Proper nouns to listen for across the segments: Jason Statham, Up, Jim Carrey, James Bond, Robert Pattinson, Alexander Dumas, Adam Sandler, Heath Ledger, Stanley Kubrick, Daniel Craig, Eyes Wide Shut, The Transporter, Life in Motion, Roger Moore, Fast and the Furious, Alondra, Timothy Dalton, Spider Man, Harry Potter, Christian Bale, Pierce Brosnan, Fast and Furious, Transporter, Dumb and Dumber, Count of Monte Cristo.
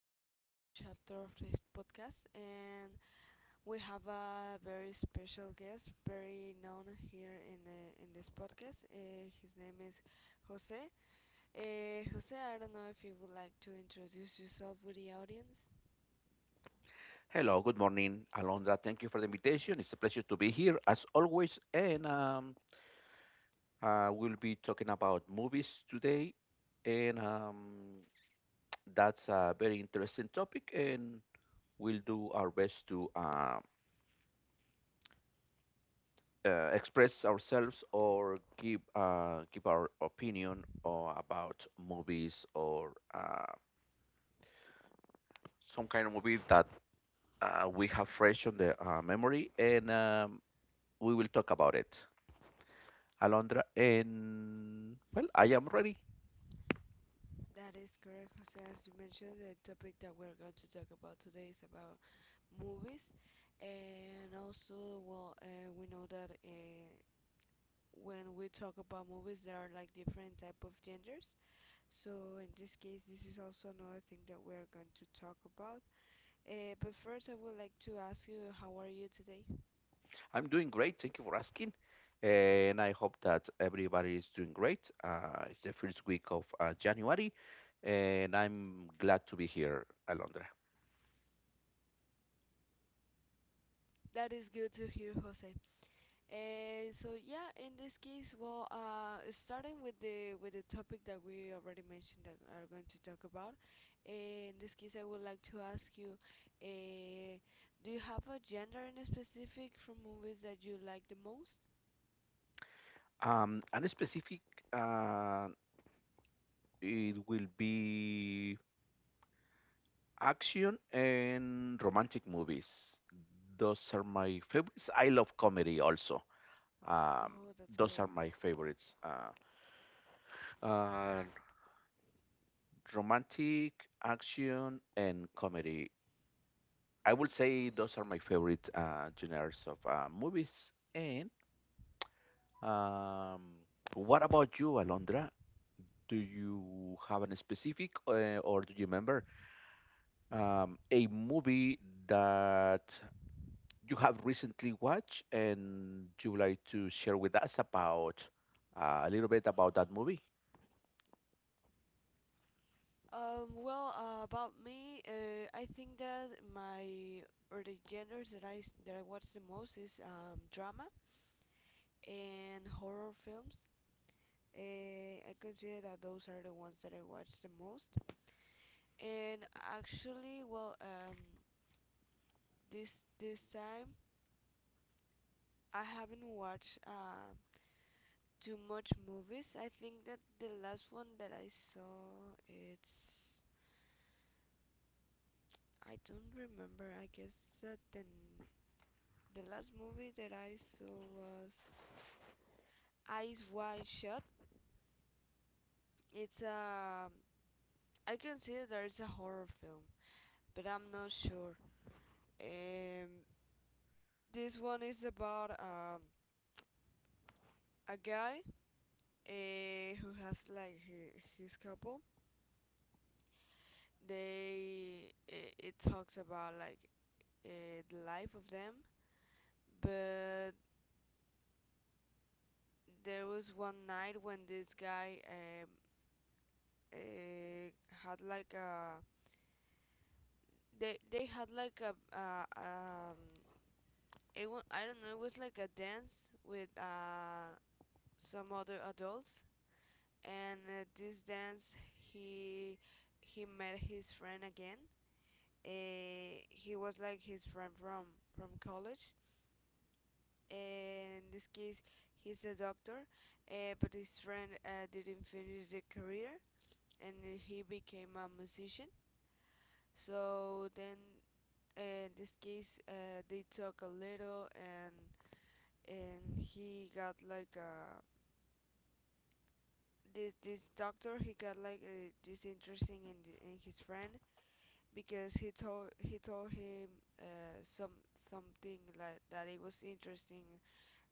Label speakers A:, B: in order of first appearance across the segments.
A: we're in this new chapter of this podcast, and we have a very special guest, very known here in this podcast. His name is Jose. Jose, I don't know if you would like to introduce yourself with the audience.
B: Hello, good morning, Alondra. Thank you for the invitation. It's a pleasure to be here as always. And we'll be talking about movies today. And That's a very interesting topic. And we'll do our best to express ourselves or give, give our opinion or about movies or some kind of movie that we have fresh on the memory. And we will talk about it. Alondra, and well, I am ready.
A: That is correct, Jose. As you mentioned, the topic that we're going to talk about today is about movies, and also, well, we know that when we talk about movies, there are like different type of genders. So in this case, this is also another thing that we are going to talk about. But first, I would like to ask you, how are you today?
B: I'm doing great. Thank you for asking. And I hope that everybody is doing great. It's the first week of January, and I'm glad to be here, Alondra.
A: That is good to hear, Jose. So yeah, in this case, well, starting with the topic that we already mentioned that we are going to talk about. In this case, I would like to ask you, uh, do you have a gender in a specific from movies that you like the most?
B: And specific, uh, it will be action and romantic movies. Those are my favorites. I love comedy also. Um,
A: Oh, that's
B: those are
A: great.
B: my favorites. Uh, romantic, action, and comedy. I would say those are my favorite genres of movies. And um, what about you, Alondra? Do you have a specific, or do you remember a movie that you have recently watched and you would like to share with us about a little bit about that movie?
A: Well, about me, I think that my or the genres that that I watch the most is drama and horror films. I consider that those are the ones that I watch the most. And actually, well, this time I haven't watched too much movies. I think that the last one that I saw it's I don't remember. I guess that the last movie that I saw was Eyes Wide Shut. It's a I consider that it's a horror film, but I'm not sure. Um, this one is about a guy who has like his couple. They it talks about like the life of them, but there was one night when this guy had like a they had like a I don't know, it was like a dance with some other adults and this dance he he met his friend again. He was like his friend from college. In this case, he's a doctor, but his friend didn't finish the career, and he became a musician. So then, in this case, they talk a little, and he got like uh, this doctor he got like this interesting in his friend, because he told him uh, some something like that it was interesting,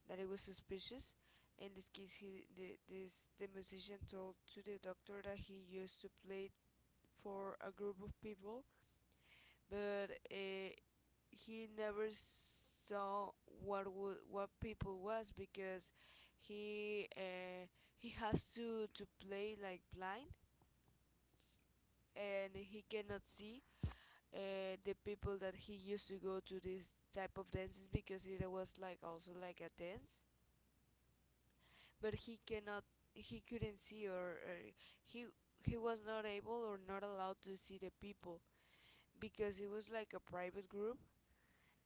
A: that it was suspicious. In this case, this the musician told to the doctor that he used to play for a group of people, but he never saw what people was, because he uh, he has to play like blind, and he cannot see the people that he used to go to this type of dances, because it was like also like a dance, but he couldn't see, or he he was not able or not allowed to see the people, because it was like a private group.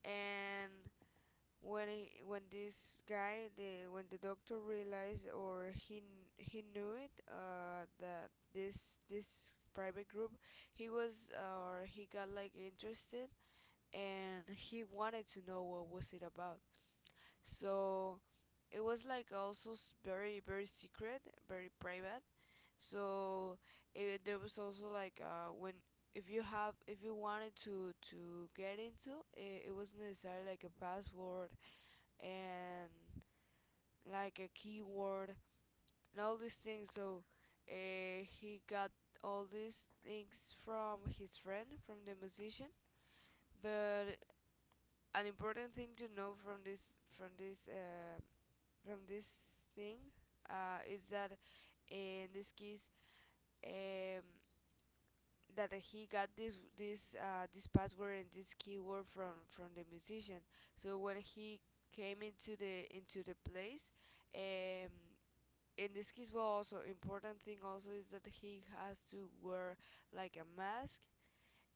A: And when when this guy the when the doctor realized, or he knew it that this private group, he was or he got like interested, and he wanted to know what was it about. So it was like also very very secret, very private. So there was also like when if you have if you wanted to get into it, it was necessary like a password, and like a keyword, and all these things. So he got all these things from his friend, from the musician. But an important thing to know from this from this thing is that in this case, um, that he got this password and this keyword from the musician. So when he came into the place, um, in this case, well, also important thing also is that he has to wear like a mask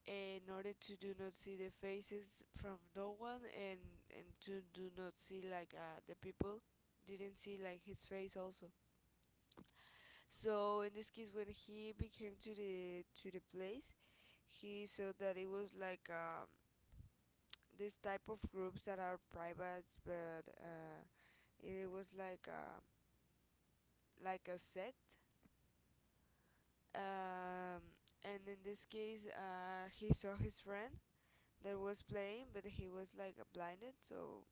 A: in order to do not see the faces from no one, and to do not see like the people didn't see like his face also. So in this case, when he became to the place, he saw that it was like this type of groups that are private, but it was like like a sect. um, and in this case, he saw his friend that was playing, but he was like blinded. So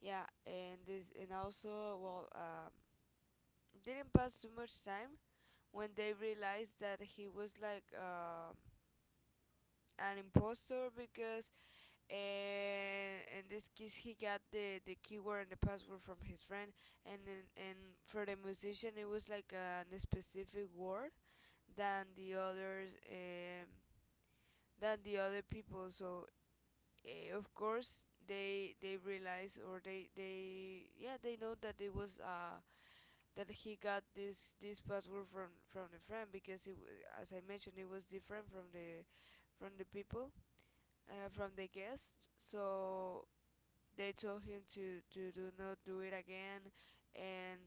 A: yeah, and this, and also, well, didn't pass too much time when they realized that he was like an impostor, because and in this case, he got the keyword and the password from his friend. And then and for the musician it was like a specific word than the others, than the other people. So of course they realize, or they yeah, they know that it was that he got this password from the friend, because as I mentioned, it was different from the people, from the guests. So they told him to do not do it again, and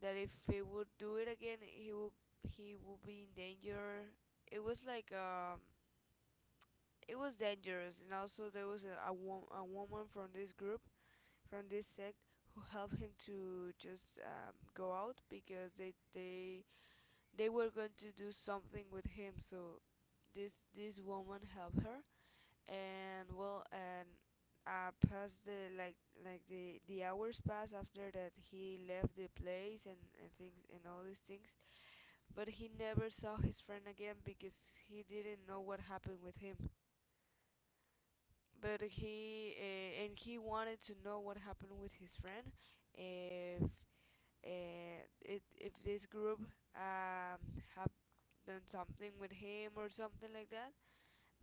A: that if he would do it again, he would be in danger. It was like it was dangerous. And also, there was a woman from this group, from this sect, who helped him to just go out, because they were going to do something with him. So this woman helped her. And well, and past the like the hours passed after that he left the place, and things, and all these things. But he never saw his friend again, because he didn't know what happened with him, but he wanted to know what happened with his friend, if uh, if this group, um, have done something with him or something like that.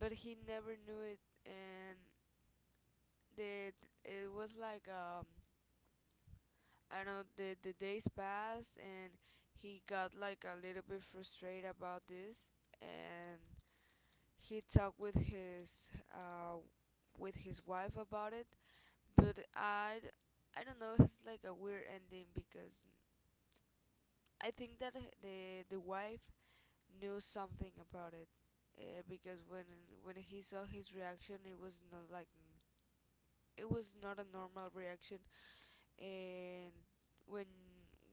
A: But he never knew it. And the it was like I don't know, the days passed, and he got like a little bit frustrated about this. And he talked with his wife about it. But I don't know, it's like a weird ending, because I think that the the wife knew something about it, because when he saw his reaction, it was not like it was not a normal reaction. And when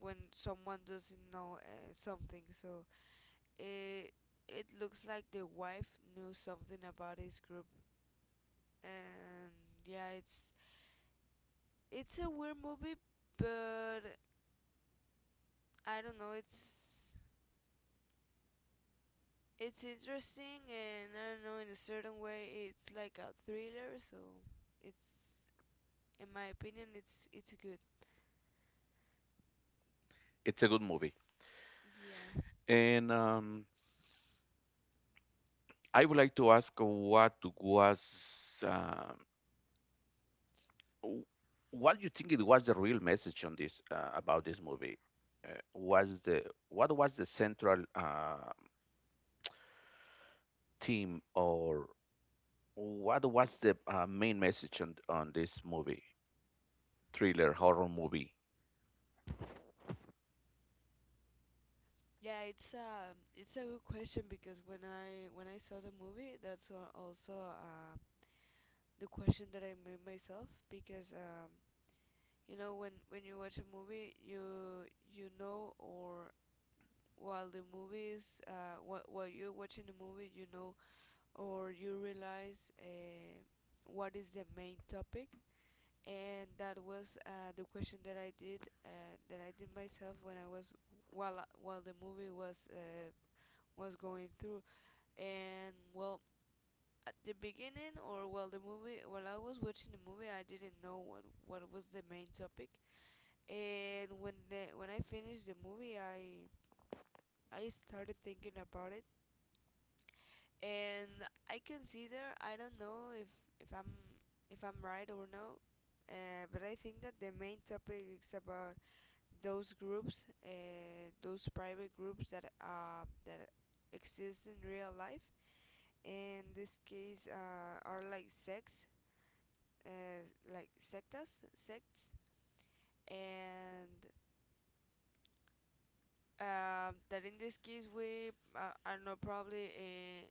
A: when someone doesn't know something, so it it looks like the wife knew something about his group. And yeah, it's a weird movie. But I don't know, it's interesting, and I don't know, in a certain way it's like a thriller. So it's in my opinion, it's good.
B: It's a good movie,
A: Yeah,
B: and I would like to ask what w- what do you think it was the real message on this about this movie? Was the what was the central theme or what was the main message on this movie, thriller horror movie?
A: yeah, it's a good question, because when I saw the movie, that's also the question that I made myself, because you know, when you watch a movie, you know, or while the movie is while you're watching the movie, you know, or you realize what is the main topic. And that was the question that I did, that I did myself when I was, while while the movie was going through. And well, at the beginning, or while the movie, while I was watching the movie, I didn't know what was the main topic. And when when I finished the movie, I started thinking about it. And I consider, I don't know if if I'm if I'm right or no, but I think that the main topic is about those groups, those private groups that that exist in real life. In this case, are like sects, uh, like sectas, sects, and that in this case we I don't know, probably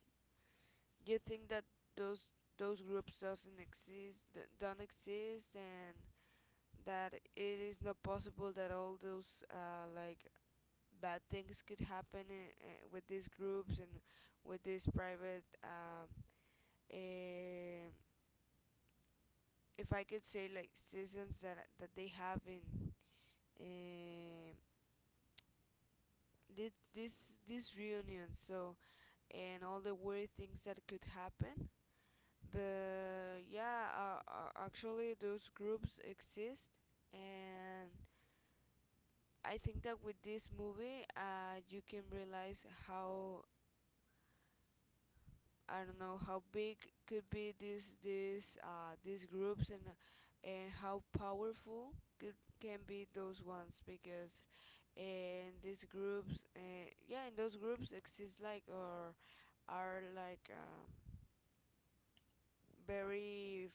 A: you think that those those groups doesn't exist don't exist, and that it is not possible that all those like bad things could happen with these groups and with these private eh, if I could say like seasons that they have in um this reunion. So, and all the weird things that could happen. But yeah, actually those groups exist. And I think that with this movie you can realize how, I don't know, how big could be these groups, and how powerful could, can be those ones, because in these groups yeah, in those groups exist like, or are like very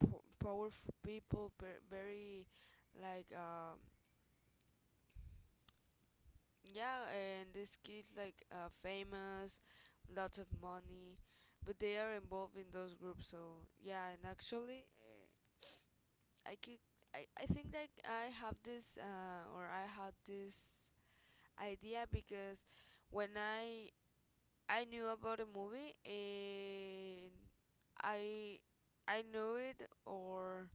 A: powerful people, very, like yeah, and these kids like famous, lots of money, but they are involved in those groups. So yeah, and actually I could, I think that I have this or I had this idea because when I knew about the movie, and I I know it, or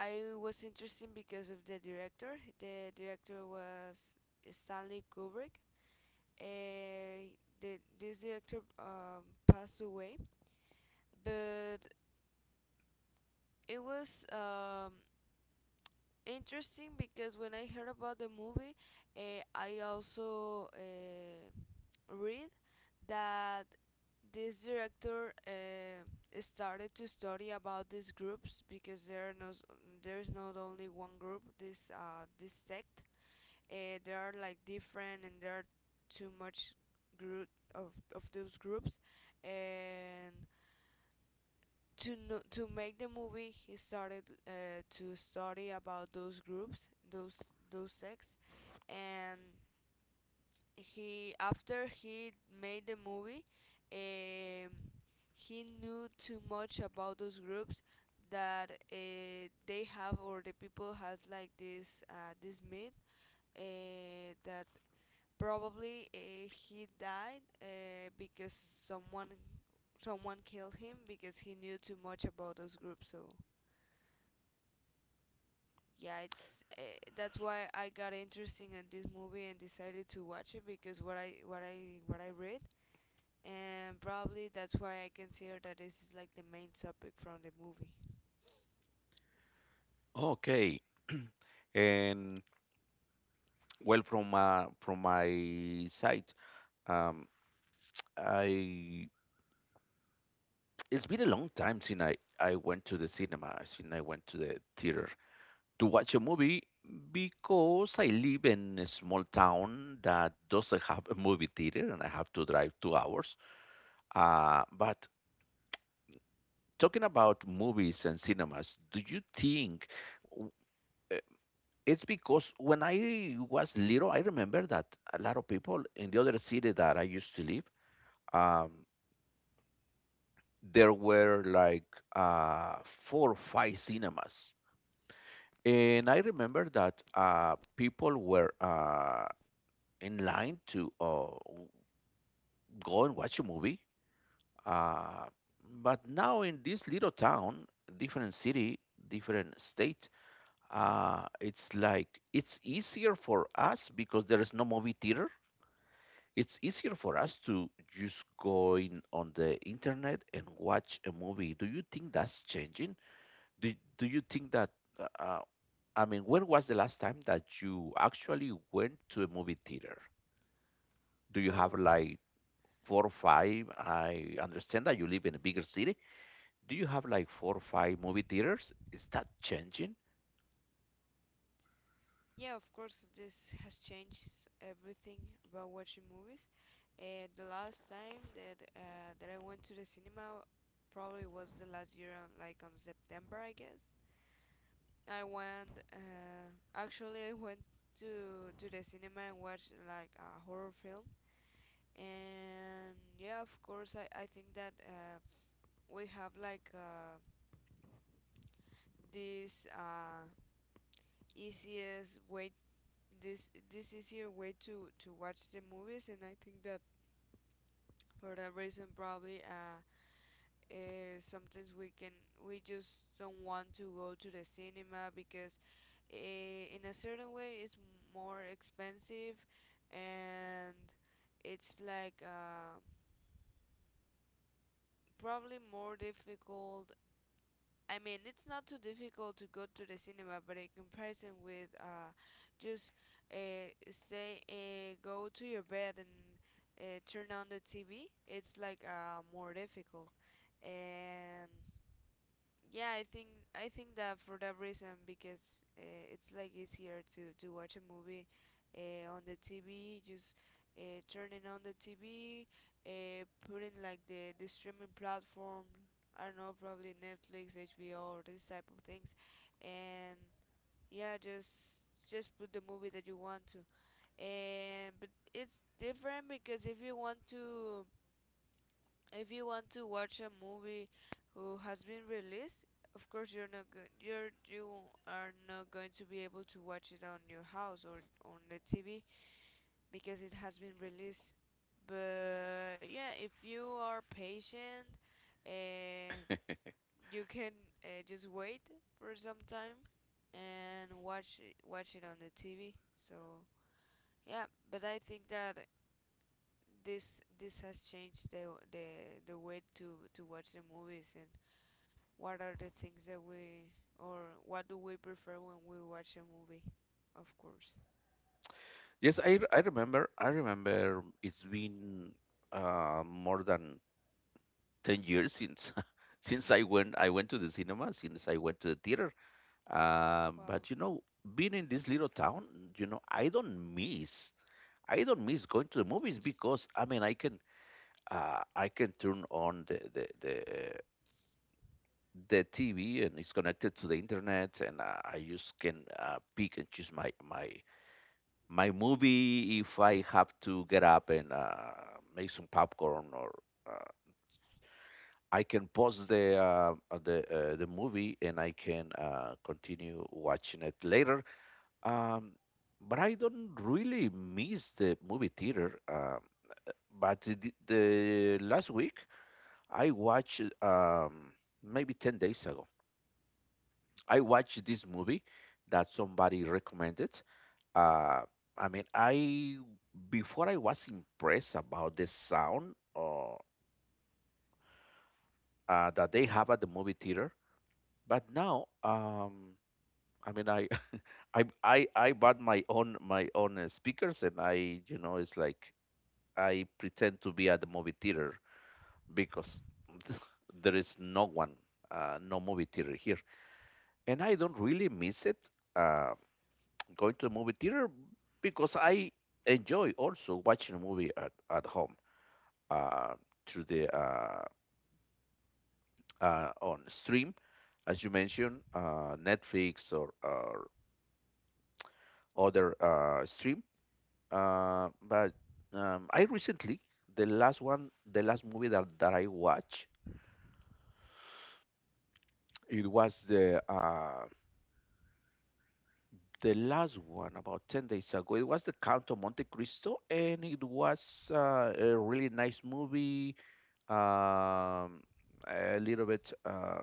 A: I was interested because of the director. The director was Stanley Kubrick. Uh, this director passed away, but it was interesting, because when I heard about the movie, I also read that this director started to study about these groups, because there are no, there's not only one group, this this sect. There are like different, and there are too much group of those groups. And to know, to make the movie, he started to study about those groups, those sects. And he, after he made the movie, um, he knew too much about those groups, that they have, or the people has like this this myth that probably he died because someone killed him, because he knew too much about those groups. So yeah, it's that's why I got interested in this movie and decided to watch it, because what I read. And probably that's why I consider that this is like the main topic from the movie.
B: Okay, and well, from my side, um, I it's been a long time since I went to the cinema, since I went to the theater, to watch a movie, because I live in a small town that doesn't have a movie theater and I have to drive 2 hours. But talking about movies and cinemas, do you think w- eh, it's because when I was little, I remember that a lot of people in the other city that I used to live, um, there were like uh, four or five cinemas. And I remember that people were in line to go and watch a movie. Uh, but now in this little town, different city, different state, it's like it's easier for us because there is no movie theater. It's easier for us to just go in on the internet and watch a movie. Do you think that's changing? Do you think that, uh, uh, I mean, when was the last time that you actually went to a movie theater? Do you have
A: Oh,
B: like four or five. I understand that you live in a bigger city. Do you have like four or five movie theaters? Is that changing?
A: yeah, of course this has changed everything about watching movies. The last time that I went to the cinema probably was the last year, on, like, on September, I guess. I went actually I went to the cinema and watched like a horror film. And yeah, of course I think that we have like this easiest way, this easier way to watch the movies. And I think that for that reason, probably sometimes we can we just don't want to go to the cinema, because uh, in a certain way it's more expensive, and it's like probably more difficult. I mean, it's not too difficult to go to the cinema, but in comparison with just stay go to your bed and turn on the TV, it's like more difficult. And yeah i think I think that, for that reason, because it's like easier to watch a movie on the TV, just turning on the TV, putting like the streaming platform, I don't know, probably Netflix, HBO, or this type of things. And yeah, just put the movie that you want to. And, but it's different, because if you want to, if you want to watch a movie who has been released, of course you're not go- you're, you are not going to be able to watch it on your house, or on the TV, because it has been released. But yeah, if you are patient, uh, you can just wait for some time and watch it on the TV. So yeah, but I think that this has changed the way to watch the movies, and what are the things that we, or what do we prefer when we watch a movie, of course.
B: Yes, I remember. I remember it's been more than 10 years since since I went to the cinema, since I went to the theater.
A: Wow.
B: But you know, being in this little town, you know, I don't miss going to the movies, because I mean I can turn on the TV, and it's connected to the internet, and I just can pick and choose my my movie. If I have to get up and make some popcorn, or uh, I can pause the the movie, and I can continue watching it later. Um, but I don't really miss the movie theater. But the last week I watched maybe 10 days ago. I watched this movie that somebody recommended. Uh, I mean, I before I was impressed about the sound that they have at the movie theater, but now, I mean, I bought my own speakers, and I, you know, it's like I pretend to be at the movie theater because there is no one, no movie theater here, and I don't really miss it. Going to the movie theater because I enjoy also watching a movie at home uh, through the on stream, as you mentioned, Netflix or other stream. But I recently the last movie that, that I watched, it was the last one about 10 days ago. It was the Count of Monte Cristo, and it was a really nice movie, um, a little bit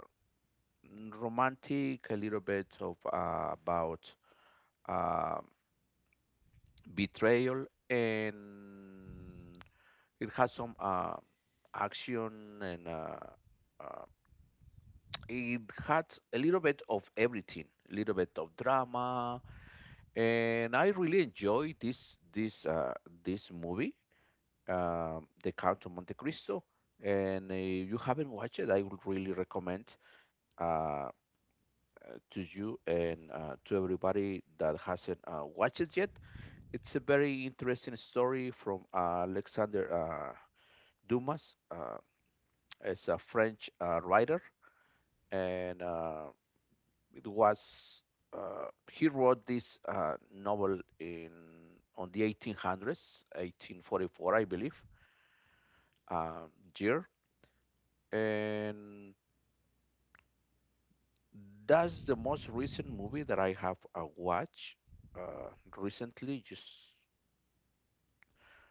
B: romantic, a little bit of about uh, betrayal, and it has some action, and uh, it had a little bit of everything, a little bit of drama, and I really enjoy this movie, The Count of Monte Cristo. And if you haven't watched it, I would really recommend uh, to you and to everybody that hasn't watched it yet. It's a very interesting story from Alexander Dumas. As a French writer, and it was uh, he wrote this novel in on the 1800s, 1844, I believe, uh, year, and that's the most recent movie that I have watched uh, recently. Just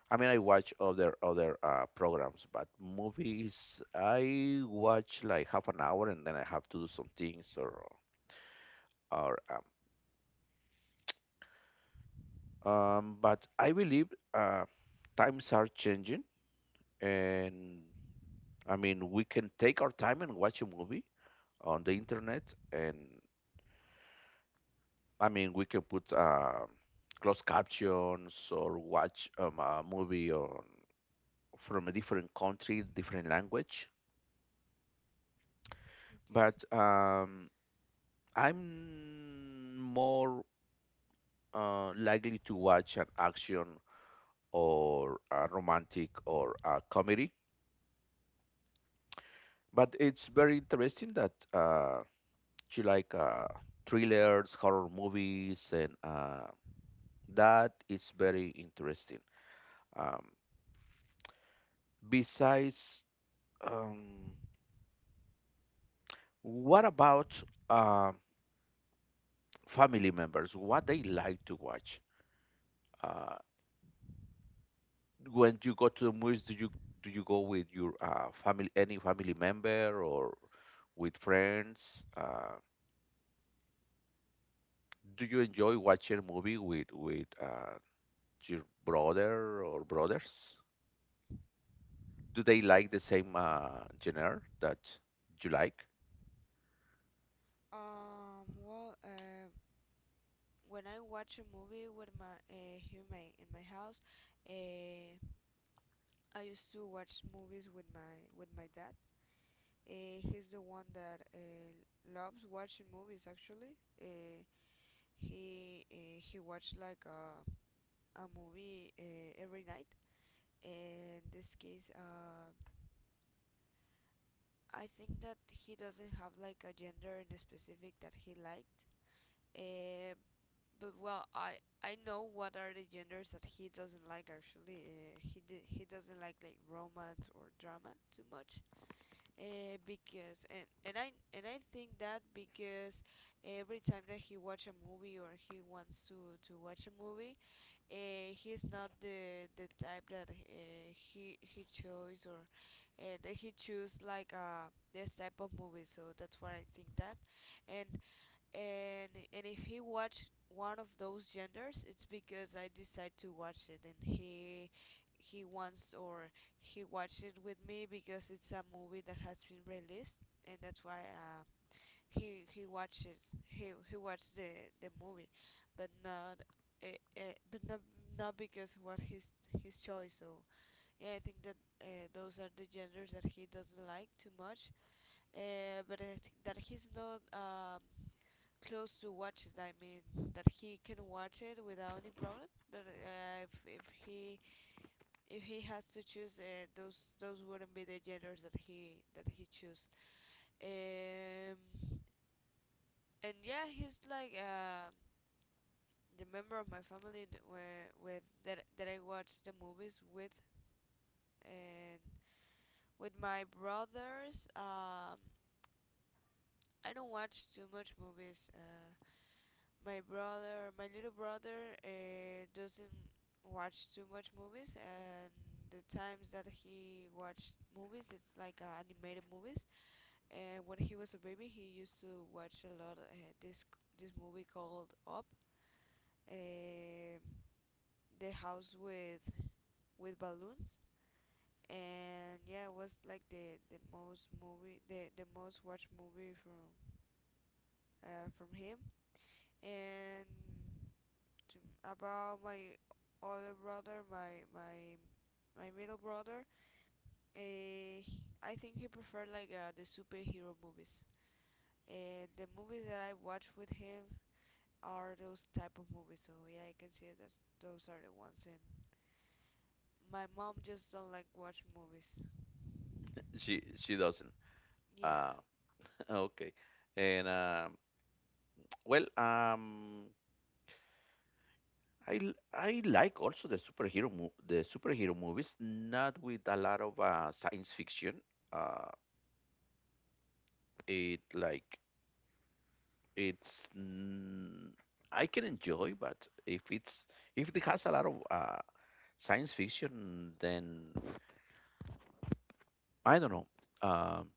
B: I mean, I watch other programs, but movies I watch like half an hour and then I have to do some things or or um, but I believe uh, times are changing, and I mean we can take our time and watch a movie on the internet, and I mean we can put closed captions or watch a movie on from a different country, different language,
A: Okay.
B: but. I'm more likely to watch an action or a romantic or a comedy, but it's very interesting that you like thrillers, horror movies, and that is very interesting. Um, besides, um, what about uh, family members? What they like to watch? Uh, when you go to the movies, do you go with your family, any family member, or with friends? Do you enjoy watching a movie with your brother or brothers? Do they like the same genre that you like?
A: Well. When I watch a movie with my here in my house, uh, I used to watch movies with my dad. He's the one that loves watching movies. Actually, uh, he watched like a movie every night. In this case, I think that he doesn't have like a gender in specific that he liked. Uh, but well, I know what are the genders that he doesn't like, actually. He doesn't like, romance or drama too much. Because and I think that because every time that he watch a movie, or he wants to watch a movie, he's not the type that he chose, or that he choose like this type of movie. So that's why I think that, and, and if he watched one of those genders, it's because I decide to watch it, and he wants, or he watched it with me because it's a movie that has been released. And that's why he watches, he watched the movie, but not uh, but not, not because what his choice. So yeah, I think that those are the genders that he doesn't like too much. But I think that he's not close to watch it. I mean that he can watch it without any problem. But if if he has to choose, those wouldn't be the genders that he choose. Um, and yeah, he's like the member of my family that were with, that I watched the movies with. And with my brothers. I don't watch too much movies. My brother, my little brother, doesn't watch too much movies, and the times that he watched movies, it's like animated movies. And when he was a baby, he used to watch a lot, this movie called Up, uh, the house with balloons. And yeah, it was like the most watched movie from him. And, to, about my other brother, my middle brother, uh, I think he preferred like the superhero movies. And the movies that I watch with him are those type of movies. So yeah, I can see that those are the ones. And my mom just don't like watch movies.
B: She doesn't.
A: Yeah.
B: Uh, okay, and um, well, um, I like also the superhero mo the superhero movies, not with a lot of science fiction. It like it's I can enjoy, but if it's if it has a lot of science fiction, then I don't know. Um,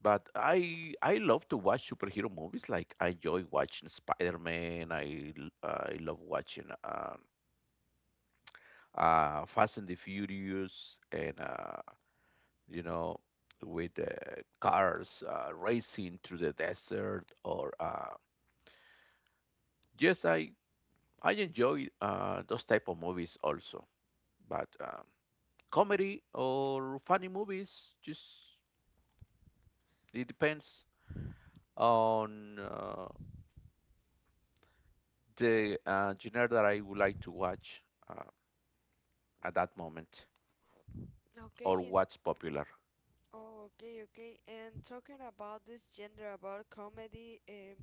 B: but I love to watch superhero movies. Like I enjoy watching Spider Man. I love watching Fast and the Furious, and you know, with cars racing through the desert or yes, I enjoy those type of movies also, but comedy or funny movies, just it depends on the genre that I would like to watch uh, at that moment or
A: Okay, and.
B: what's popular.
A: Oh, okay, okay. And talking about this gender, about comedy,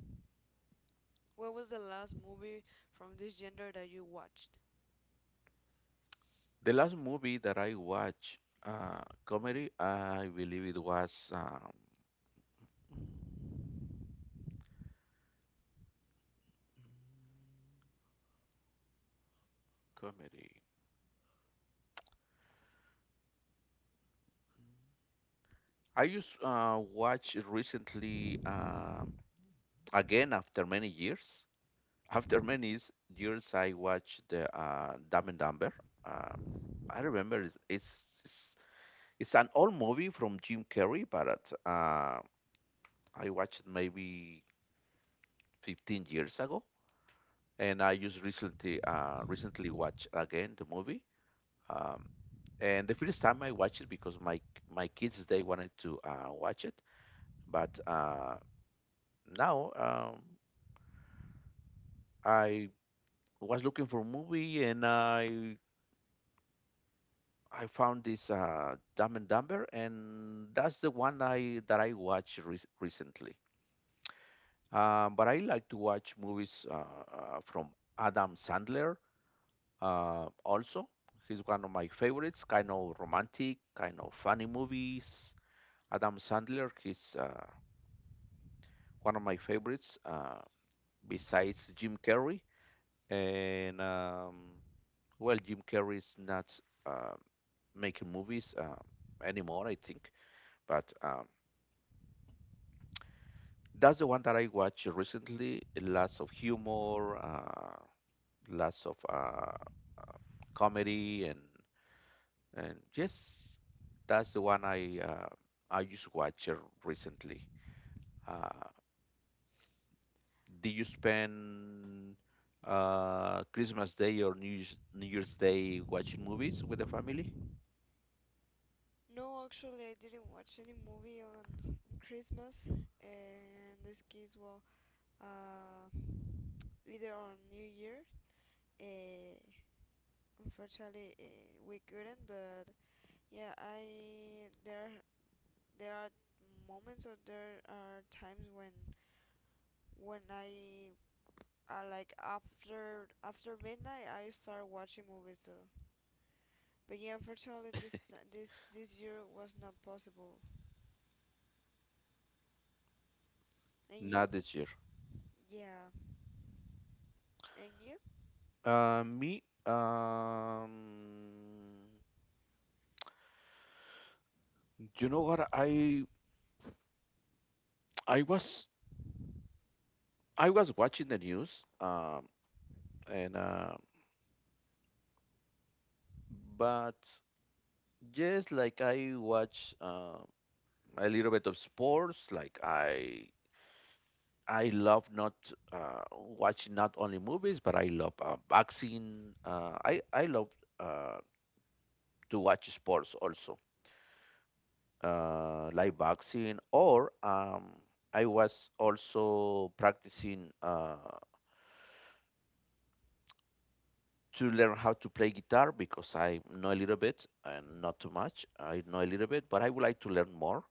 A: what was the last movie from this gender that you watched?
B: The last movie that I watched comedy, I believe it was mm, comedy. I just watched recently, again after many years, I watched the Dumb and Dumber. um, I remember it's an old movie from Jim Carrey, but uh, I watched it maybe 15 years ago, and I just recently watched again the movie. um, and the first time I watched it because my kids, they wanted to watch it, but now I was looking for a movie, and I found this Dumb and Dumber, and that's the one I watched recently. But I like to watch movies from Adam Sandler. Also, he's one of my favorites. Kind of romantic, kind of funny movies. Adam Sandler, he's one of my favorites. Besides Jim Carrey, and well, Jim Carrey's not uh, making movies anymore, I think. But That's the one that I watched recently. Lots of humor, lots of comedy, and yes, that's the one I just watched recently. Uh, did you spend Christmas Day or New Year's Day watching movies with the family?
A: No, actually, I didn't watch any movie on Christmas, and this kids, well, uh, either on New Year. Uh, Unfortunately, we couldn't. But yeah, I there there are moments, or there are times when I like after, after midnight I start watching movies too. But yeah, unfortunately this year was not possible. And you?
B: Not this year.
A: Yeah. And you?
B: Uh, me, um, you know what? I was I was watching the news. And but yes, like I watch a little bit of sports. Like I love not watching not only movies, but I love boxing. I love uh, to watch sports also, like boxing. Or I was also practicing to learn how to play guitar, because I know a little bit and not too much. I know a little bit, but I would like to learn more.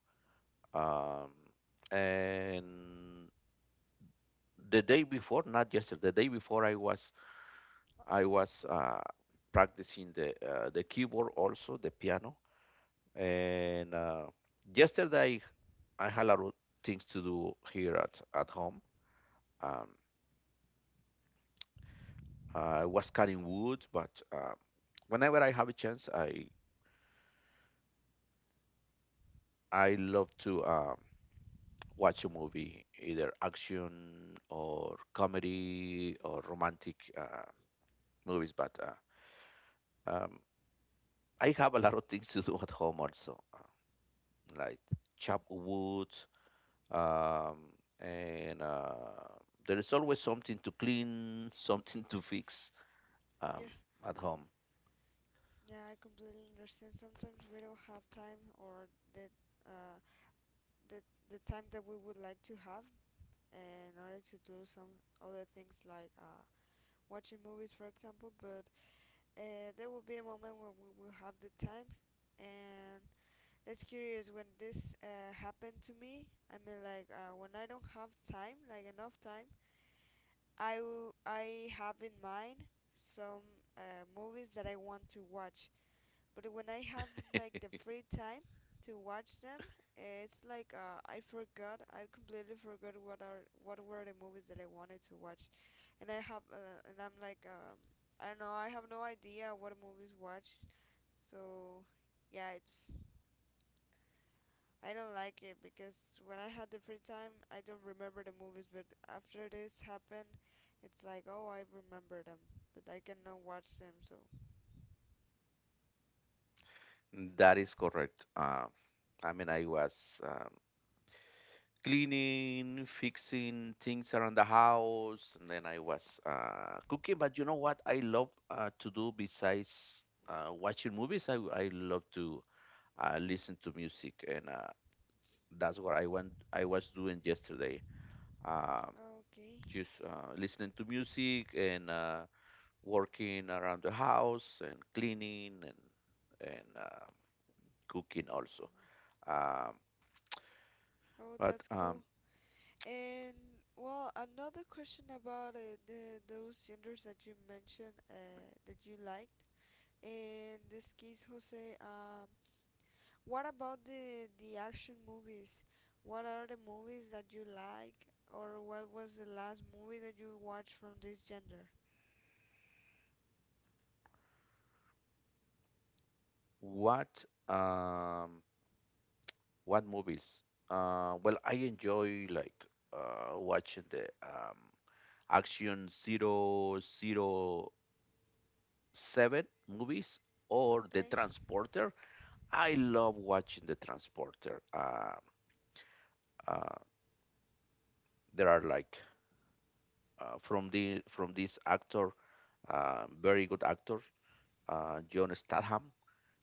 B: Um, and the day before, not yesterday, the day before, I was practicing the keyboard also, the piano. And yesterday, I had a lot of things to do here at home. Um, I was cutting wood, but whenever I have a chance, I love to watch a movie, either action or comedy or romantic movies. But um, I have a lot of things to do at home also, like chop wood, um, and there is always something to clean, something to fix
A: Yeah.
B: um, at home.
A: Yeah, I completely understand. Sometimes we don't have time, or the uh the the time that we would like to have in order to do some other things, like watching movies, for example. But there will be a moment when we will have the time. And that's curious, when this happened to me, I mean, like, when I don't have time, like enough time, I have in mind some movies that I want to watch. But when I have like the free time to watch them, it's like I forgot, I completely forgot what are, what were the movies that I wanted to watch. And I have and I'm like I don't know, I have no idea what movies watch. So yeah, it's, I don't like it, because when I had the free time I don't remember the movies, but after this happened, it's like, oh, I remember them, but I cannot watch them. So
B: That is
A: yeah.
B: correct. I mean, I was cleaning, fixing things around the house, and then I was cooking. But you know what I love to do besides watching movies? I love to listen to music and that's what I went. I was doing yesterday. Uh,
A: Okay.
B: just listening to music and working around the house and cleaning and cooking also. Um,
A: Oh,
B: but
A: that's
B: um,
A: cool. And, well, another question about the those genders that you mentioned that you liked, in this case, Jose, what about the action movies? What are the movies that you like, or what was the last movie that you watched from this gender?
B: what um, what movies? Well, I enjoy like watching the Action 007 movies or The
A: Okay,
B: Transporter. I love watching the transporter. Uh, there are like from the from this actor, very good actor, John Statham.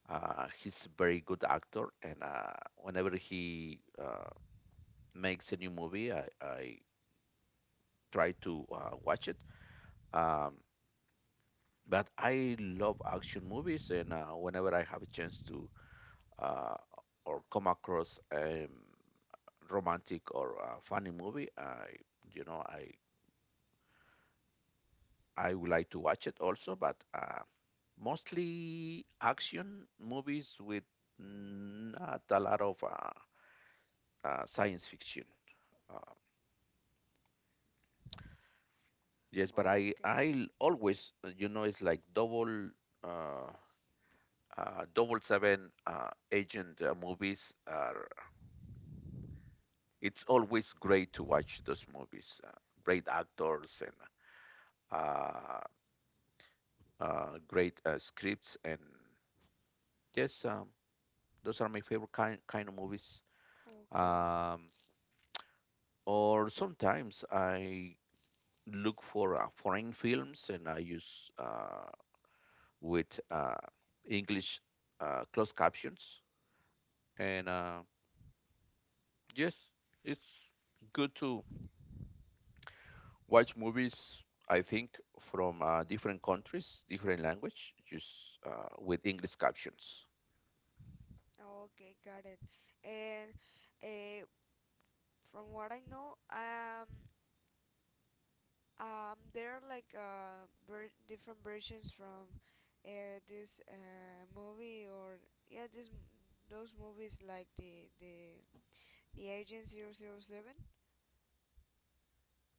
B: He's a very good actor, and whenever he makes a new movie, I try to watch it. Um, but I love action movies, and whenever I have a chance to uh, or come across a romantic or funny movie, I you know I I would like to watch it also, but mostly action movies with not a lot of science fiction. Uh, yes, but I I
A: okay,
B: I l- always you know it's like uh, double seven agent movies are. It's always great to watch those movies. Great actors and uh, great scripts and yes, those are my favorite kind of movies.
A: okay,
B: Um, or sometimes I look for foreign films and I use with English closed captions. And yes, it's good to watch movies. I think from different countries, different language, just with English captions.
A: okay, got it. And uh, from what I know, there are like different versions from this movie, or yeah, this, those movies, like the Agent 007.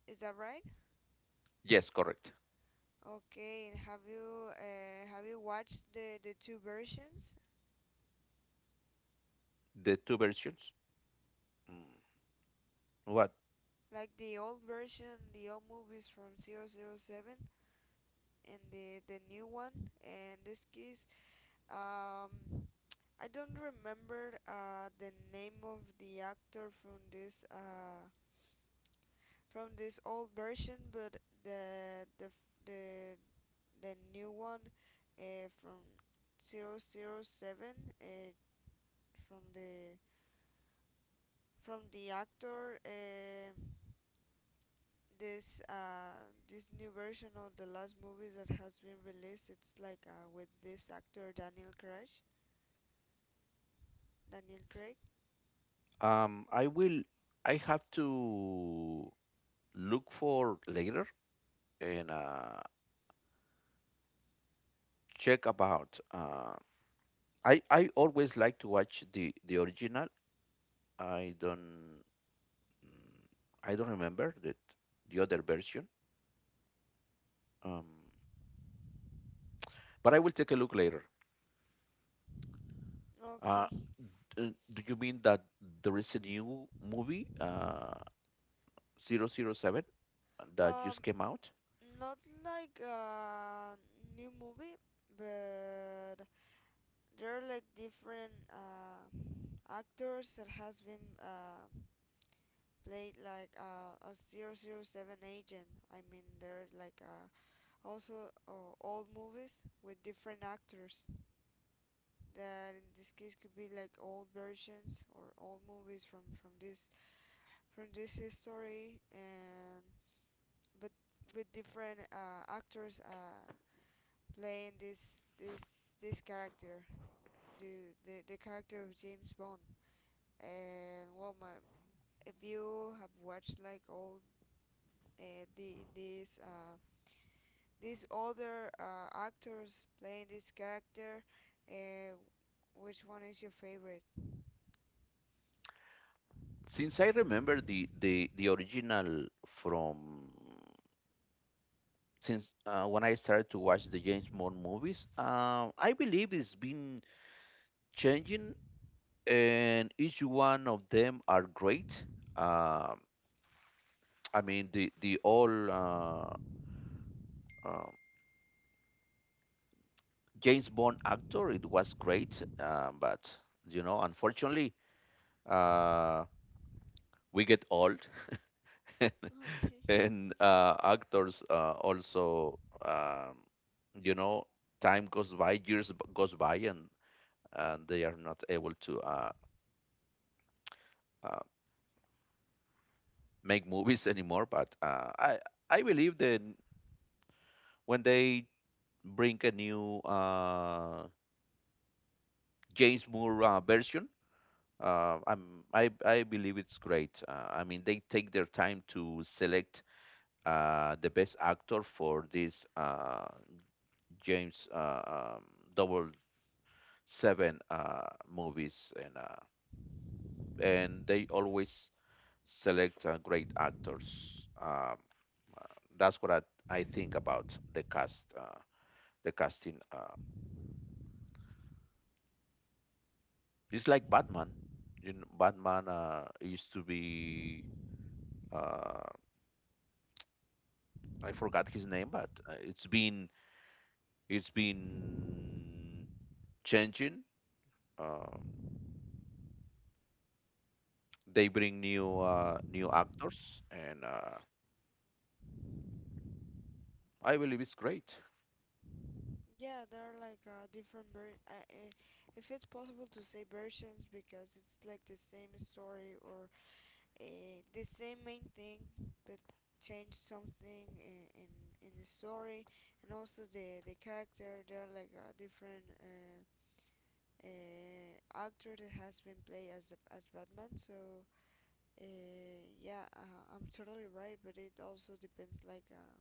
A: Is that right?
B: Yes, correct.
A: Okay, and have you watched the two versions?
B: The two versions. Mm, What?
A: Like the old version, the old movies from 007, and the new one. In this case, um I don't remember the name of the actor from this old version, but the the the the new one, from 007, from the from the actor, this uh, this new version of the last movie that has been released. It's like with this actor Daniel Craig. Daniel Craig.
B: I will. I have to look for later and check about. I always like to watch the original. I don't mm, I don't remember that the other version. Um, but I will take a look later. Uh,
A: Okay.
B: do you mean that there is a new movie, 007, that
A: Um,
B: just came out?
A: not like a new movie, but there are like different actors that has been played like a zero zero 007 agent. I mean, there are like also old movies with different actors, that in this case could be like old versions or old movies from this history. And, but with different actors playing this character, the character of James Bond. And, well, my, if you have watched like all uh, the these uh, these other actors playing this character, uh, which one is your favorite?
B: Since I remember the original from since when I started to watch the James Bond movies, I believe it's been changing and each one of them are great. Um, I mean, the all uh, James Bond actor, it was great, but you know, unfortunately, uh, we get old,
A: Okay.
B: and actors also, um, you know, time goes by, goes by, and they are not able to uh, make movies anymore. But I believe that when they bring a new James Moore version. I believe it's great. I mean, they take their time to select the best actor for this James Double Seven movies, and they always select great actors. Um, uh, that's what I think about the casting. It's like Batman. You know, Batman used to be uh, I forgot his name, but it's been changing. Uh, they bring new actors, and I believe it's great.
A: Yeah, there are like different if it's possible to say versions, because it's like the same story, or the same main thing, but change something in, in the story, and also the character. There are like different uh, actor that has been played as Batman. So, yeah, I'm totally right, but it also depends like uh,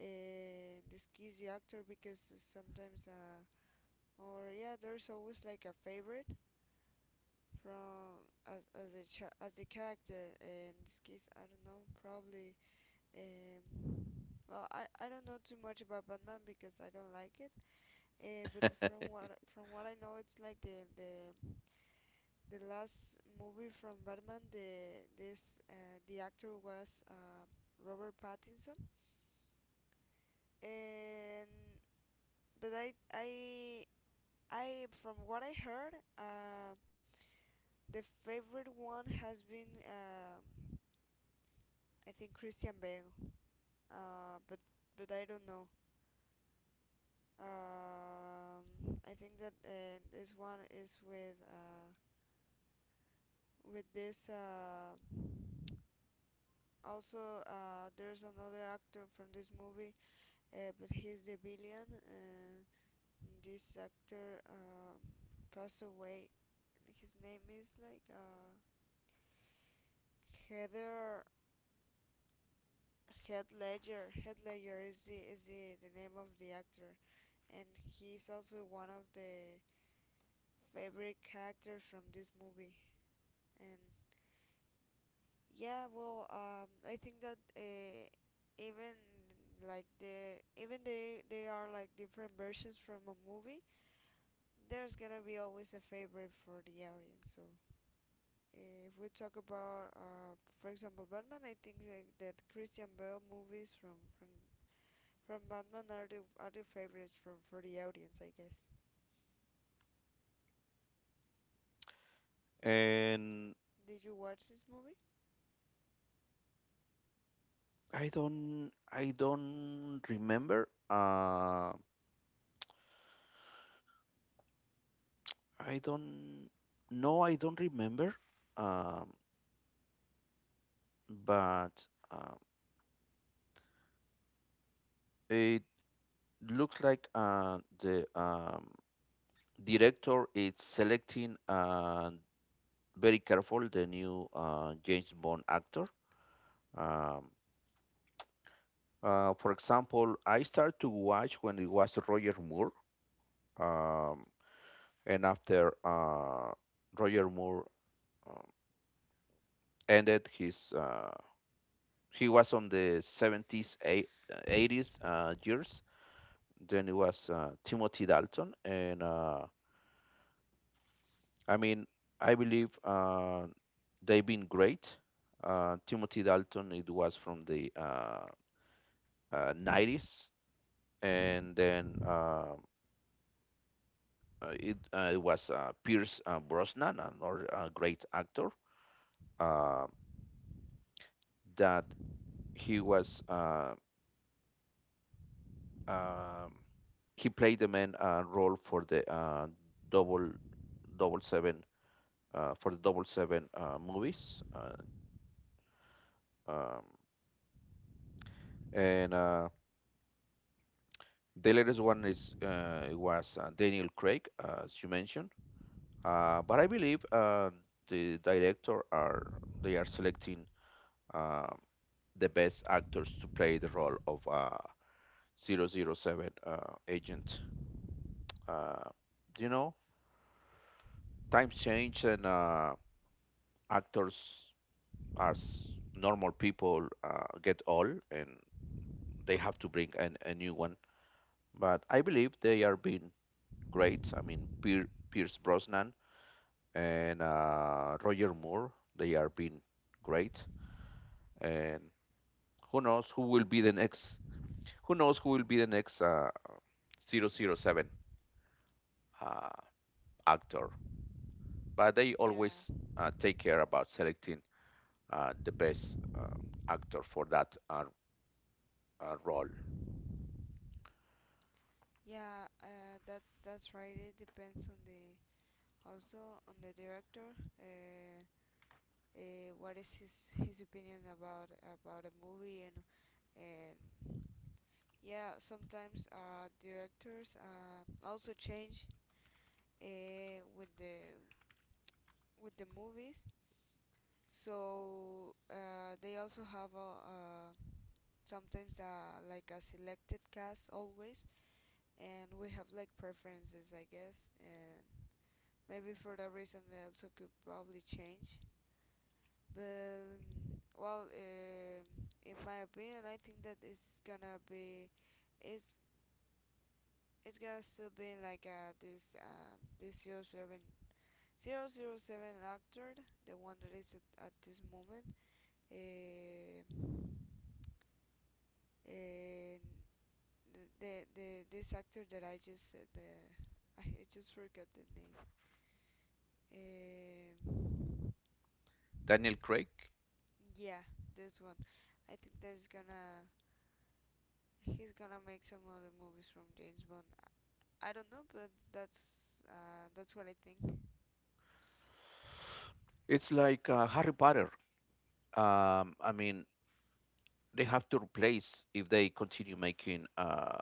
A: uh, the skills the actor, because sometimes or yeah, there's always like a favorite from, as a character. In this case, I don't know, probably, um well, I don't know too much about Batman because I don't like it. But from what I know, it's like the last movie from Batman, the actor was Robert Pattinson. And but I From what I heard, the favorite one has been, I think, Christian Bale. Uh, but but I don't know. Um, I think that this one is with this. Also, there's another actor from this movie, but he's the villain. This actor passed away. His name is like Heather Head Ledger. Head Ledger is the name of the actor. And he's also one of the favorite characters from this movie. And yeah, well, I think that even even they are like different versions from a movie. There's gonna be always a favorite for the audience. So, if we talk about, for example, Batman, I think that Christian Bale movies from Batman are the favorites for the audience, I guess.
B: and
A: Did you watch this movie?
B: I don't remember. I don't No, I don't remember. Um, but it looks like the director is selecting very careful the new James Bond actor. Um, for example, I started to watch when it was Roger Moore, um, and after Roger Moore um, ended his, he was on the 70s, 80s years. Then it was Timothy Dalton and I mean, I believe they've been great. Timothy Dalton, it was from the 90s, and then it was Pierce Brosnan, another great actor, uh, that he was uh, um, he played the main role for the double double seven for the double seven movies, um, and The latest one is it was Daniel Craig, as you mentioned. But I believe the director are they are selecting uh, the best actors to play the role of zero zero 007 agent. Uh, you know, times change and actors as normal people get old and they have to bring a new one. But I believe they are being great. I mean, Pierce Brosnan and Roger Moore. They are being great, and who knows who will be the next? Who knows who will be the next double oh 007 uh, actor? But they
A: Yeah.
B: always take care about selecting the best actor for that role.
A: Yeah, that's right. It depends on the, also on the director. Uh, what is his opinion about a movie? And and yeah, sometimes directors also change with the, with the movies. So, they also have a, sometimes, like a selected cast always, and we have like preferences, I guess. And maybe for that reason they also could probably change. But, well, in my opinion, I think that it's it's gonna still be like this zero zero 007 actor, the one that is at this moment, uh, and the this actor that I just said, I just forgot the name. Um
B: Daniel Craig.
A: yeah, this one. I think that's gonna he's gonna make some other movies from James Bond. I don't know, but that's what I think.
B: It's like Harry Potter. I mean, they have to replace if they continue making uh,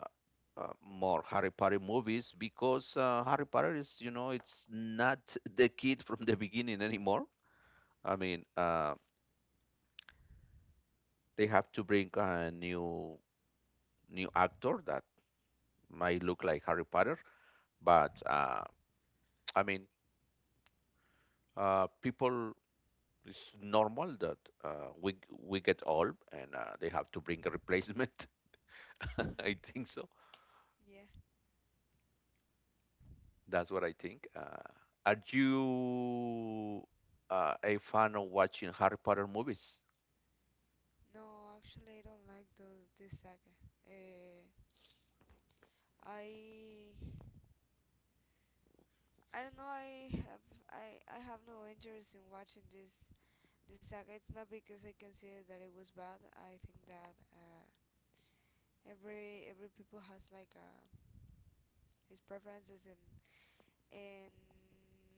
B: uh, more Harry Potter movies because Harry Potter is, you know, it's not the kid from the beginning anymore. I mean, they have to bring a new actor that might look like Harry Potter, but I mean, people. It's normal that uh, we we get old and they have to bring a replacement. I think so.
A: Yeah.
B: That's what I think. Are you a fan of watching Harry Potter movies?
A: No, actually, I don't like those, this saga. Uh, I I don't know. I have no interest in watching this saga. It's not because I consider that it was bad. I think that every people has like his preferences. And and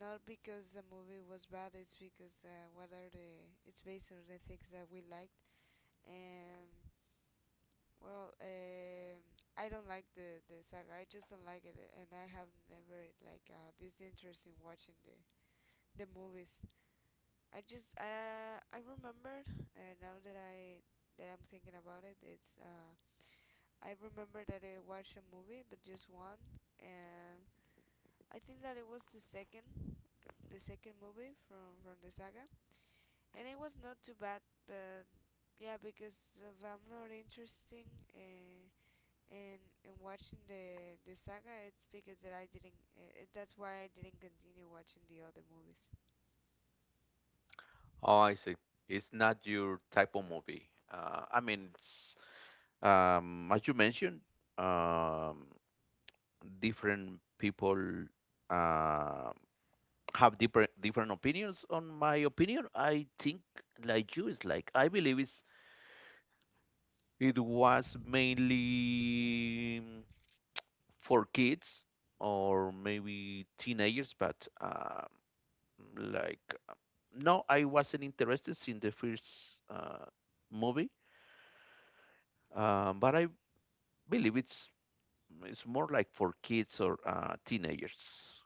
A: not because the movie was bad, it's because what are the it's based on the things that we liked. And, well, I don't like the saga. I just don't like it, and I have never like this interest in watching the movies. I just uh i remembered, now that I'm thinking about it, it's I remember that I watched a movie, but just one. And I think that it was the second movie from the saga, and it was not too bad, but yeah, because if I'm not interesting in in in watching the saga, it's because that I didn't. That's why I didn't continue watching the other movies.
B: Oh, I see. It's not your type of movie. I mean, as you mentioned, um, different people uh, have different opinions. On my opinion, I think like you is like I believe it was mainly for kids or maybe teenagers, but like no, I wasn't interested in the first movie, but I believe it's more like for kids or teenagers.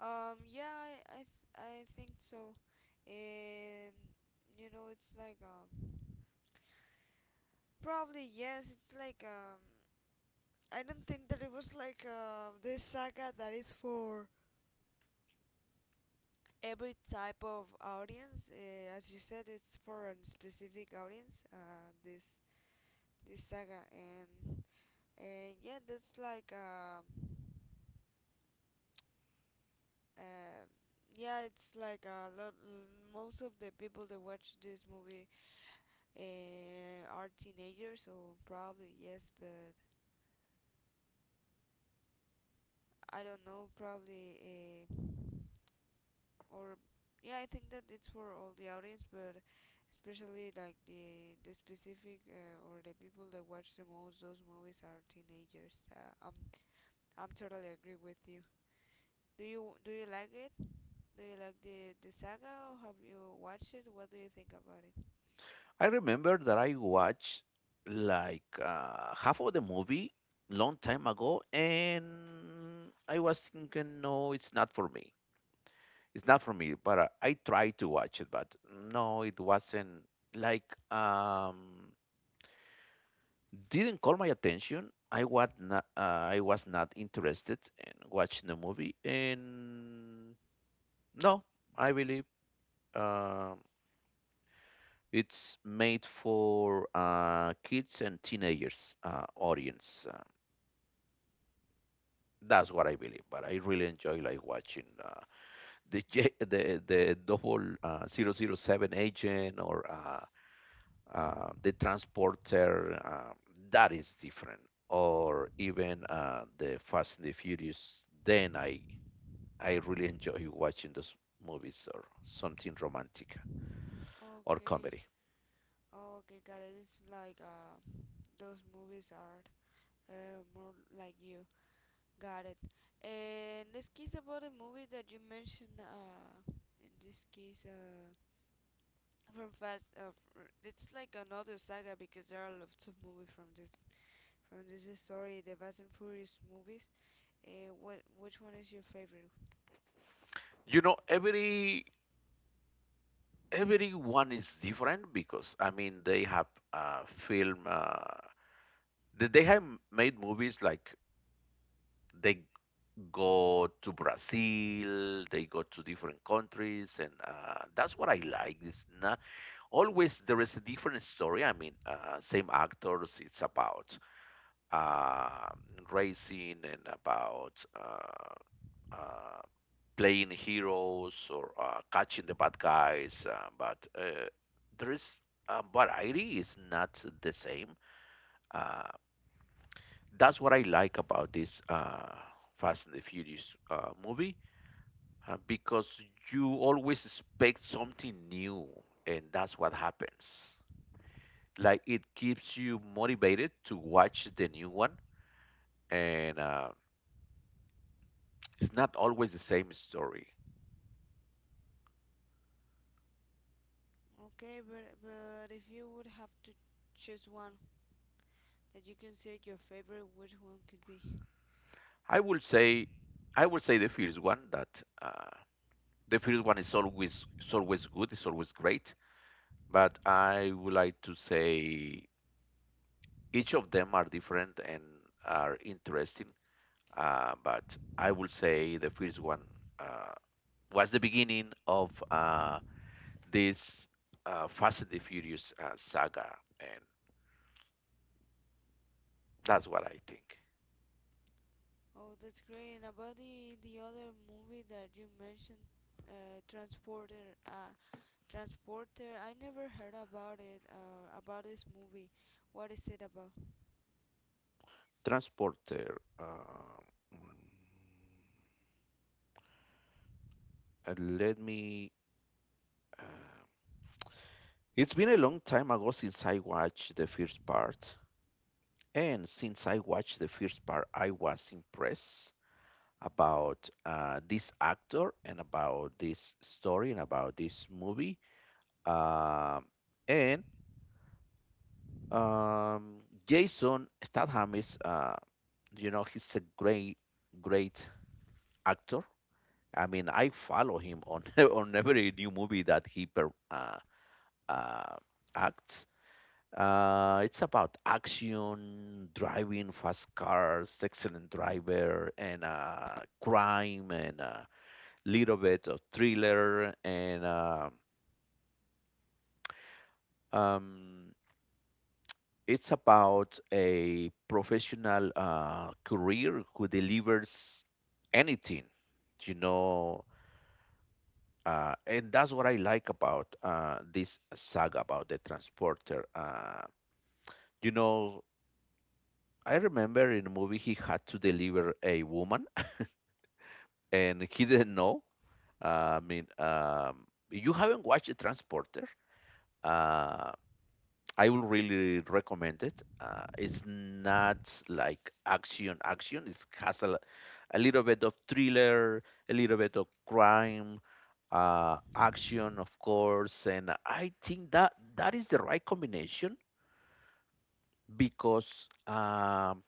A: Yeah, I think so, and it's like, probably yes. It's like, I don't think that it was like this saga that is for every type of audience. As you said, it's for a specific audience. This saga. And yeah, that's like uh, yeah, it's like a lot. Most of the people that watch this movie are teenagers, so probably yes, but I don't know. Probably. Or Yeah, I think that it's for all the audience, but especially like the specific, or the people that watch the most those movies are teenagers. I'm totally agree with you. Do you like it? Do you like the saga, or have you watched it? What do you think about it?
B: I remember that I watched like half of the movie long time ago, and I was thinking, no, it's not for me. It's not for me, but I tried to watch it, but no, it wasn't like didn't call my attention. I was not interested in watching the movie, and no, I believe um it's made for kids and teenagers audience. That's what I believe, but I really enjoy like watching the J- the double zero zero 007 agent or the transporter that is different or even the fast and the furious. Then I really enjoy watching those movies or something romantic or
A: Okay.
B: comedy.
A: Okay, got it. It's like those movies are, more like you. Got it. And this case about the movie that you mentioned, in this case, from Fast. It's like another saga because there are lots of movies from this, from this story, the Fast and Furious movies. What Which one is your favorite?
B: You know, everyone is different because I mean they have film they have made movies like they go to Brazil, they go to different countries, and that's what I like. It's not always there is a different story. I mean, same actors. It's about uh, racing and about uh, playing heroes or catching the bad guys. But there is variety is not the same. Uh, that's what I like about this Fast and the Furious movie because you always expect something new, and that's what happens. Like it keeps you motivated to watch the new one, and it's not always the same story.
A: Okay, but if you would have to choose one that you consider your favorite, which one could be?
B: I would say i would say the first one is always good. It's always great, but I would like to say each of them are different and are interesting. But I would say the first one uh, was the beginning of this Fast and the Furious saga. And that's what I think.
A: Oh, that's great. And about the other movie that you mentioned, Transporter. Transporter. I never heard about it. About this movie. What is it about?
B: Transporter. And let me. Uh, it's been a long time ago since I watched the first part, and since I watched the first part, I was impressed about this actor and about this story and about this movie. Um, and um, Jason Statham is, you know, he's a great, great actor. I mean, I follow him on on every new movie that he uh, acts. It's about action, driving fast cars, excellent driver, and crime, and a little bit of thriller. And um, it's about a professional career who delivers anything, you know. And that's what I like about this saga about the transporter. You know, I remember in a movie he had to deliver a woman and he didn't know. I mean, you haven't watched The Transporter. Uh, I will really recommend it. It's not like action, action. It has a little bit of thriller, a little bit of crime, action, of course, and I think that is the right combination because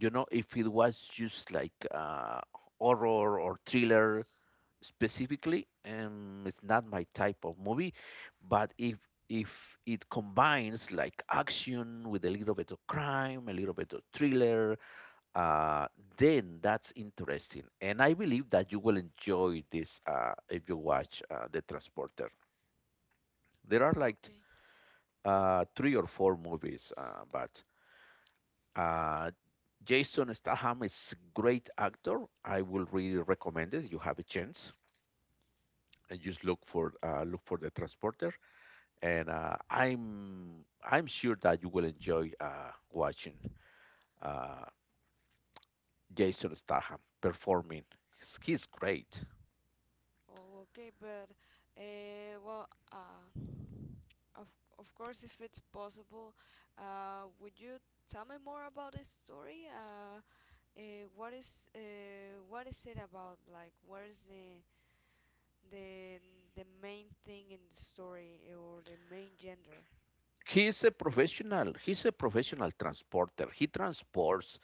B: you know if it was just like horror or thriller specifically. It's not my type of movie, but if it combines like action with a little bit of crime, a little bit of thriller, uh, then that's interesting. And I believe that you will enjoy this if you watch The Transporter. There are
A: Oh,
B: like
A: okay.
B: three or four movies, but uh, Jason Statham is a great actor. I will really recommend it. You have a chance, and just look for The Transporter. And I'm sure that you will enjoy watching uh, Jason Statham performing. He's great.
A: Oh, okay, but well, uh, of of course, if it's possible, would you tell me more about this story? Uh, what is uh, what is it about? Like, what is the the main thing in the story, or the main gender?
B: He's a professional. He's a professional transporter. He transports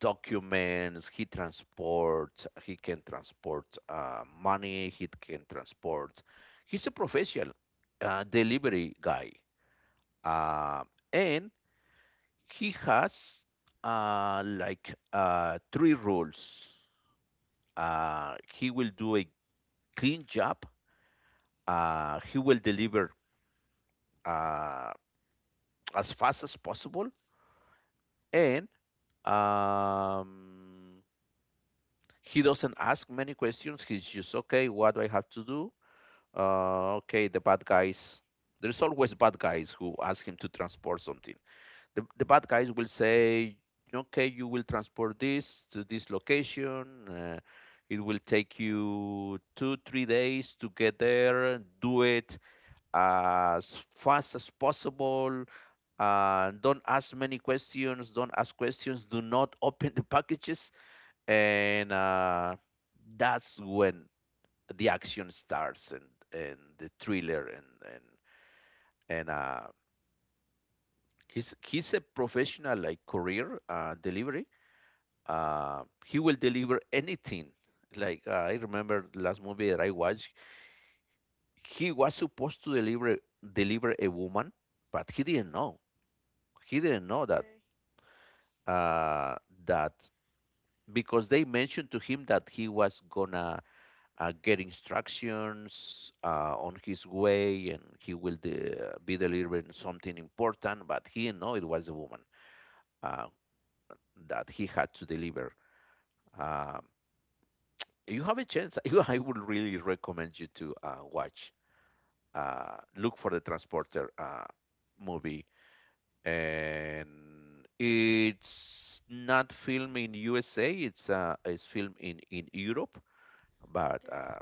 B: documents, he can transport money, he can transport, he's a professional delivery guy. Uh, and he has like three rules. He will do a clean job. He will deliver uh, as fast as possible. And um, he doesn't ask many questions. He's just okay, what do I have to do? Okay, the bad guys. There's always bad guys who ask him to transport something. The bad guys will say, okay, you will transport this to this location. It will take you two, 3 days to get there. Do it as fast as possible. Don't ask many questions. Don't ask questions. Do not open the packages. And that's when the action starts, and the thriller, and and he's a professional, like, career delivery. He will deliver anything. I remember last movie that I watched, he was supposed to deliver a woman, but he didn't know. He didn't know
A: Okay,
B: uh, that because they mentioned to him that he was gonna get instructions on his way, and he will be delivering something important, but he know it was a woman uh, that he had to deliver. um, if you have a chance, I would really recommend you to watch look for The Transporter movie. And it's not filmed in USA, it's filmed in Europe, but
A: okay,
B: uh,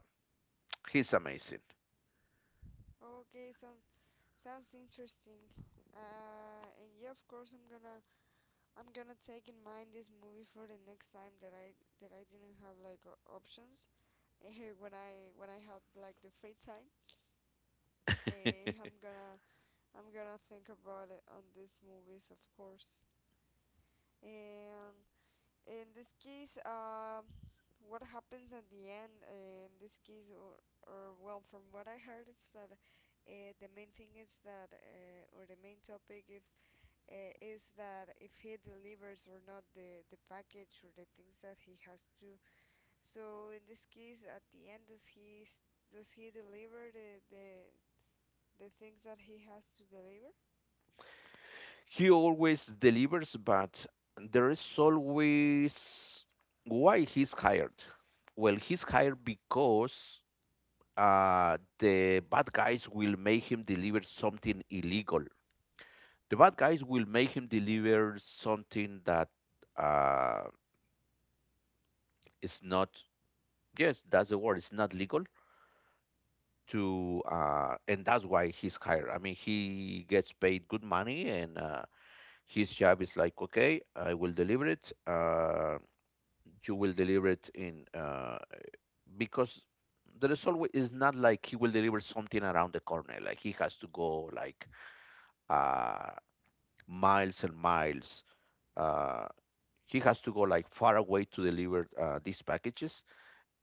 B: he's amazing.
A: okay. Sounds interesting. And yeah, of course, I'm gonna take in mind this movie for the next time that I didn't have like options. When I have like the free time. Eh, I'm gonna I'm gonna think about it on these movies, of course. And in this case, what happens at the end? In this case, or, well, from what I heard, it's that the main thing is that, or the main topic, if is that if he delivers or not the package or the things that he has to. So, in this case, at the end, does he deliver the things that he has to deliver?
B: He always delivers, but there is always why he's hired. Well, he's hired because the bad guys will make him deliver something illegal. The bad guys will make him deliver something that uh, is not, yes, that's the word, it's not legal to, and that's why he's hired. I mean, he gets paid good money, and his job is like, okay, I will deliver it. You will deliver it in because the is not like he will deliver something around the corner, like he has to go like uh, miles and miles. uh, he has to go like far away to deliver these packages.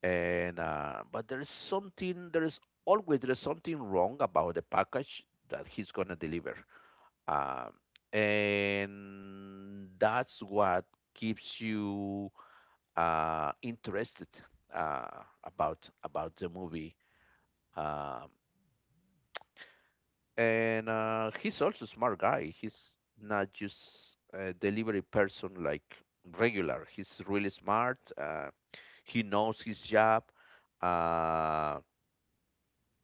B: And uh, but there is something, there is something wrong about the package that he's gonna deliver. um, and that's what keeps you interested about the movie. Um, and he's also a smart guy. He's not just a delivery person like regular. He's really smart. He knows his job. Uh,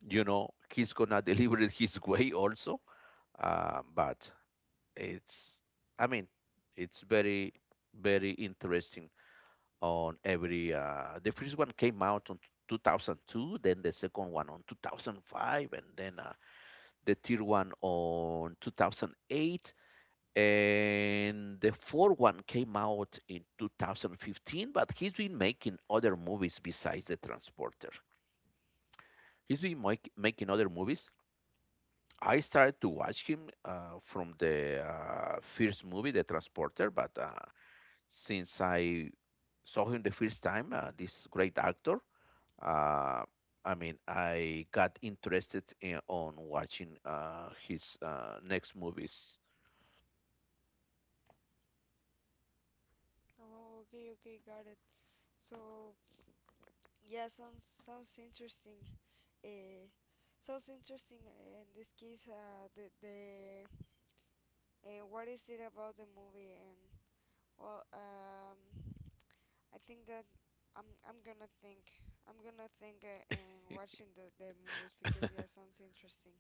B: you know, he's gonna deliver it his way also. But it's, I mean, it's very, very interesting. On every The first one came out on 2002, then the second one on 2005, and then the third one on 2008, and the fourth one came out in 2015. But he's been making other movies besides The Transporter. He's been making other movies. I started to watch him from the first movie, The Transporter, but since I saw him the first time, this great actor. Uh, I mean, I got interested in on watching his next movies.
A: Oh, okay, okay, got it. So yeah, sounds interesting. Uh, Sounds interesting. In this case, the What is it about the movie? And, well, I think that I'm I'm gonna think I'm gonna think and watching the movies, because yeah, sounds interesting.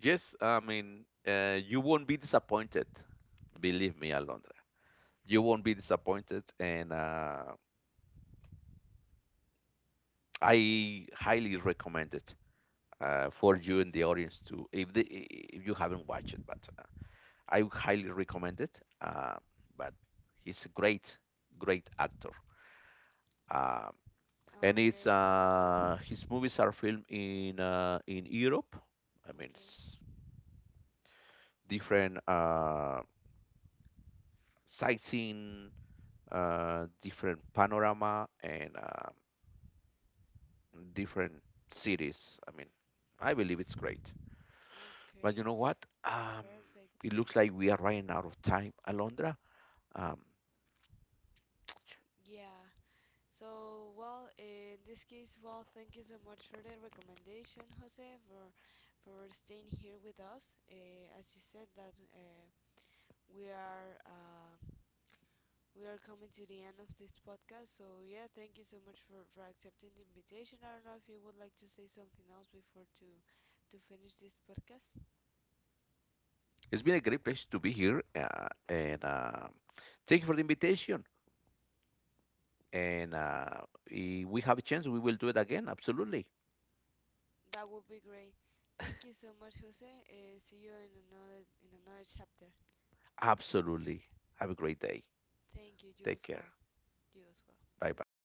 B: Yes, I mean, you won't be disappointed. Believe me, Alondra, you won't be disappointed, and I highly recommend it for you and the audience too. If you haven't watched it, but I highly recommend it. But he's a great, great actor. Um, and it's
A: Okay, thank you.
B: his movies are filmed in Europe. I mean,
A: Okay.
B: it's different sightseeing, different panorama, and different cities. I mean, I believe it's great.
A: Mm.
B: But you
A: Okay,
B: know what?
A: perfect.
B: It looks like we are running out of time, Alondra. Um,
A: Yeah. So, well, in this case, well, thank you so much for the recommendation, Jose, for staying here with us. As you said that we are uh, we are coming to the end of this podcast. So, yeah, thank you so much for accepting the invitation. I don't know if you would like to say something else before to finish this podcast.
B: it's been a great pleasure to be here, and thank you for the invitation. And If we have a chance, we will do it again. Absolutely.
A: That would be great. Thank you so much, Jose. See you in another, in another chapter.
B: Absolutely. Have a great day.
A: Thank you,
B: Take care.
A: Joshua. Joshua.
B: Bye bye.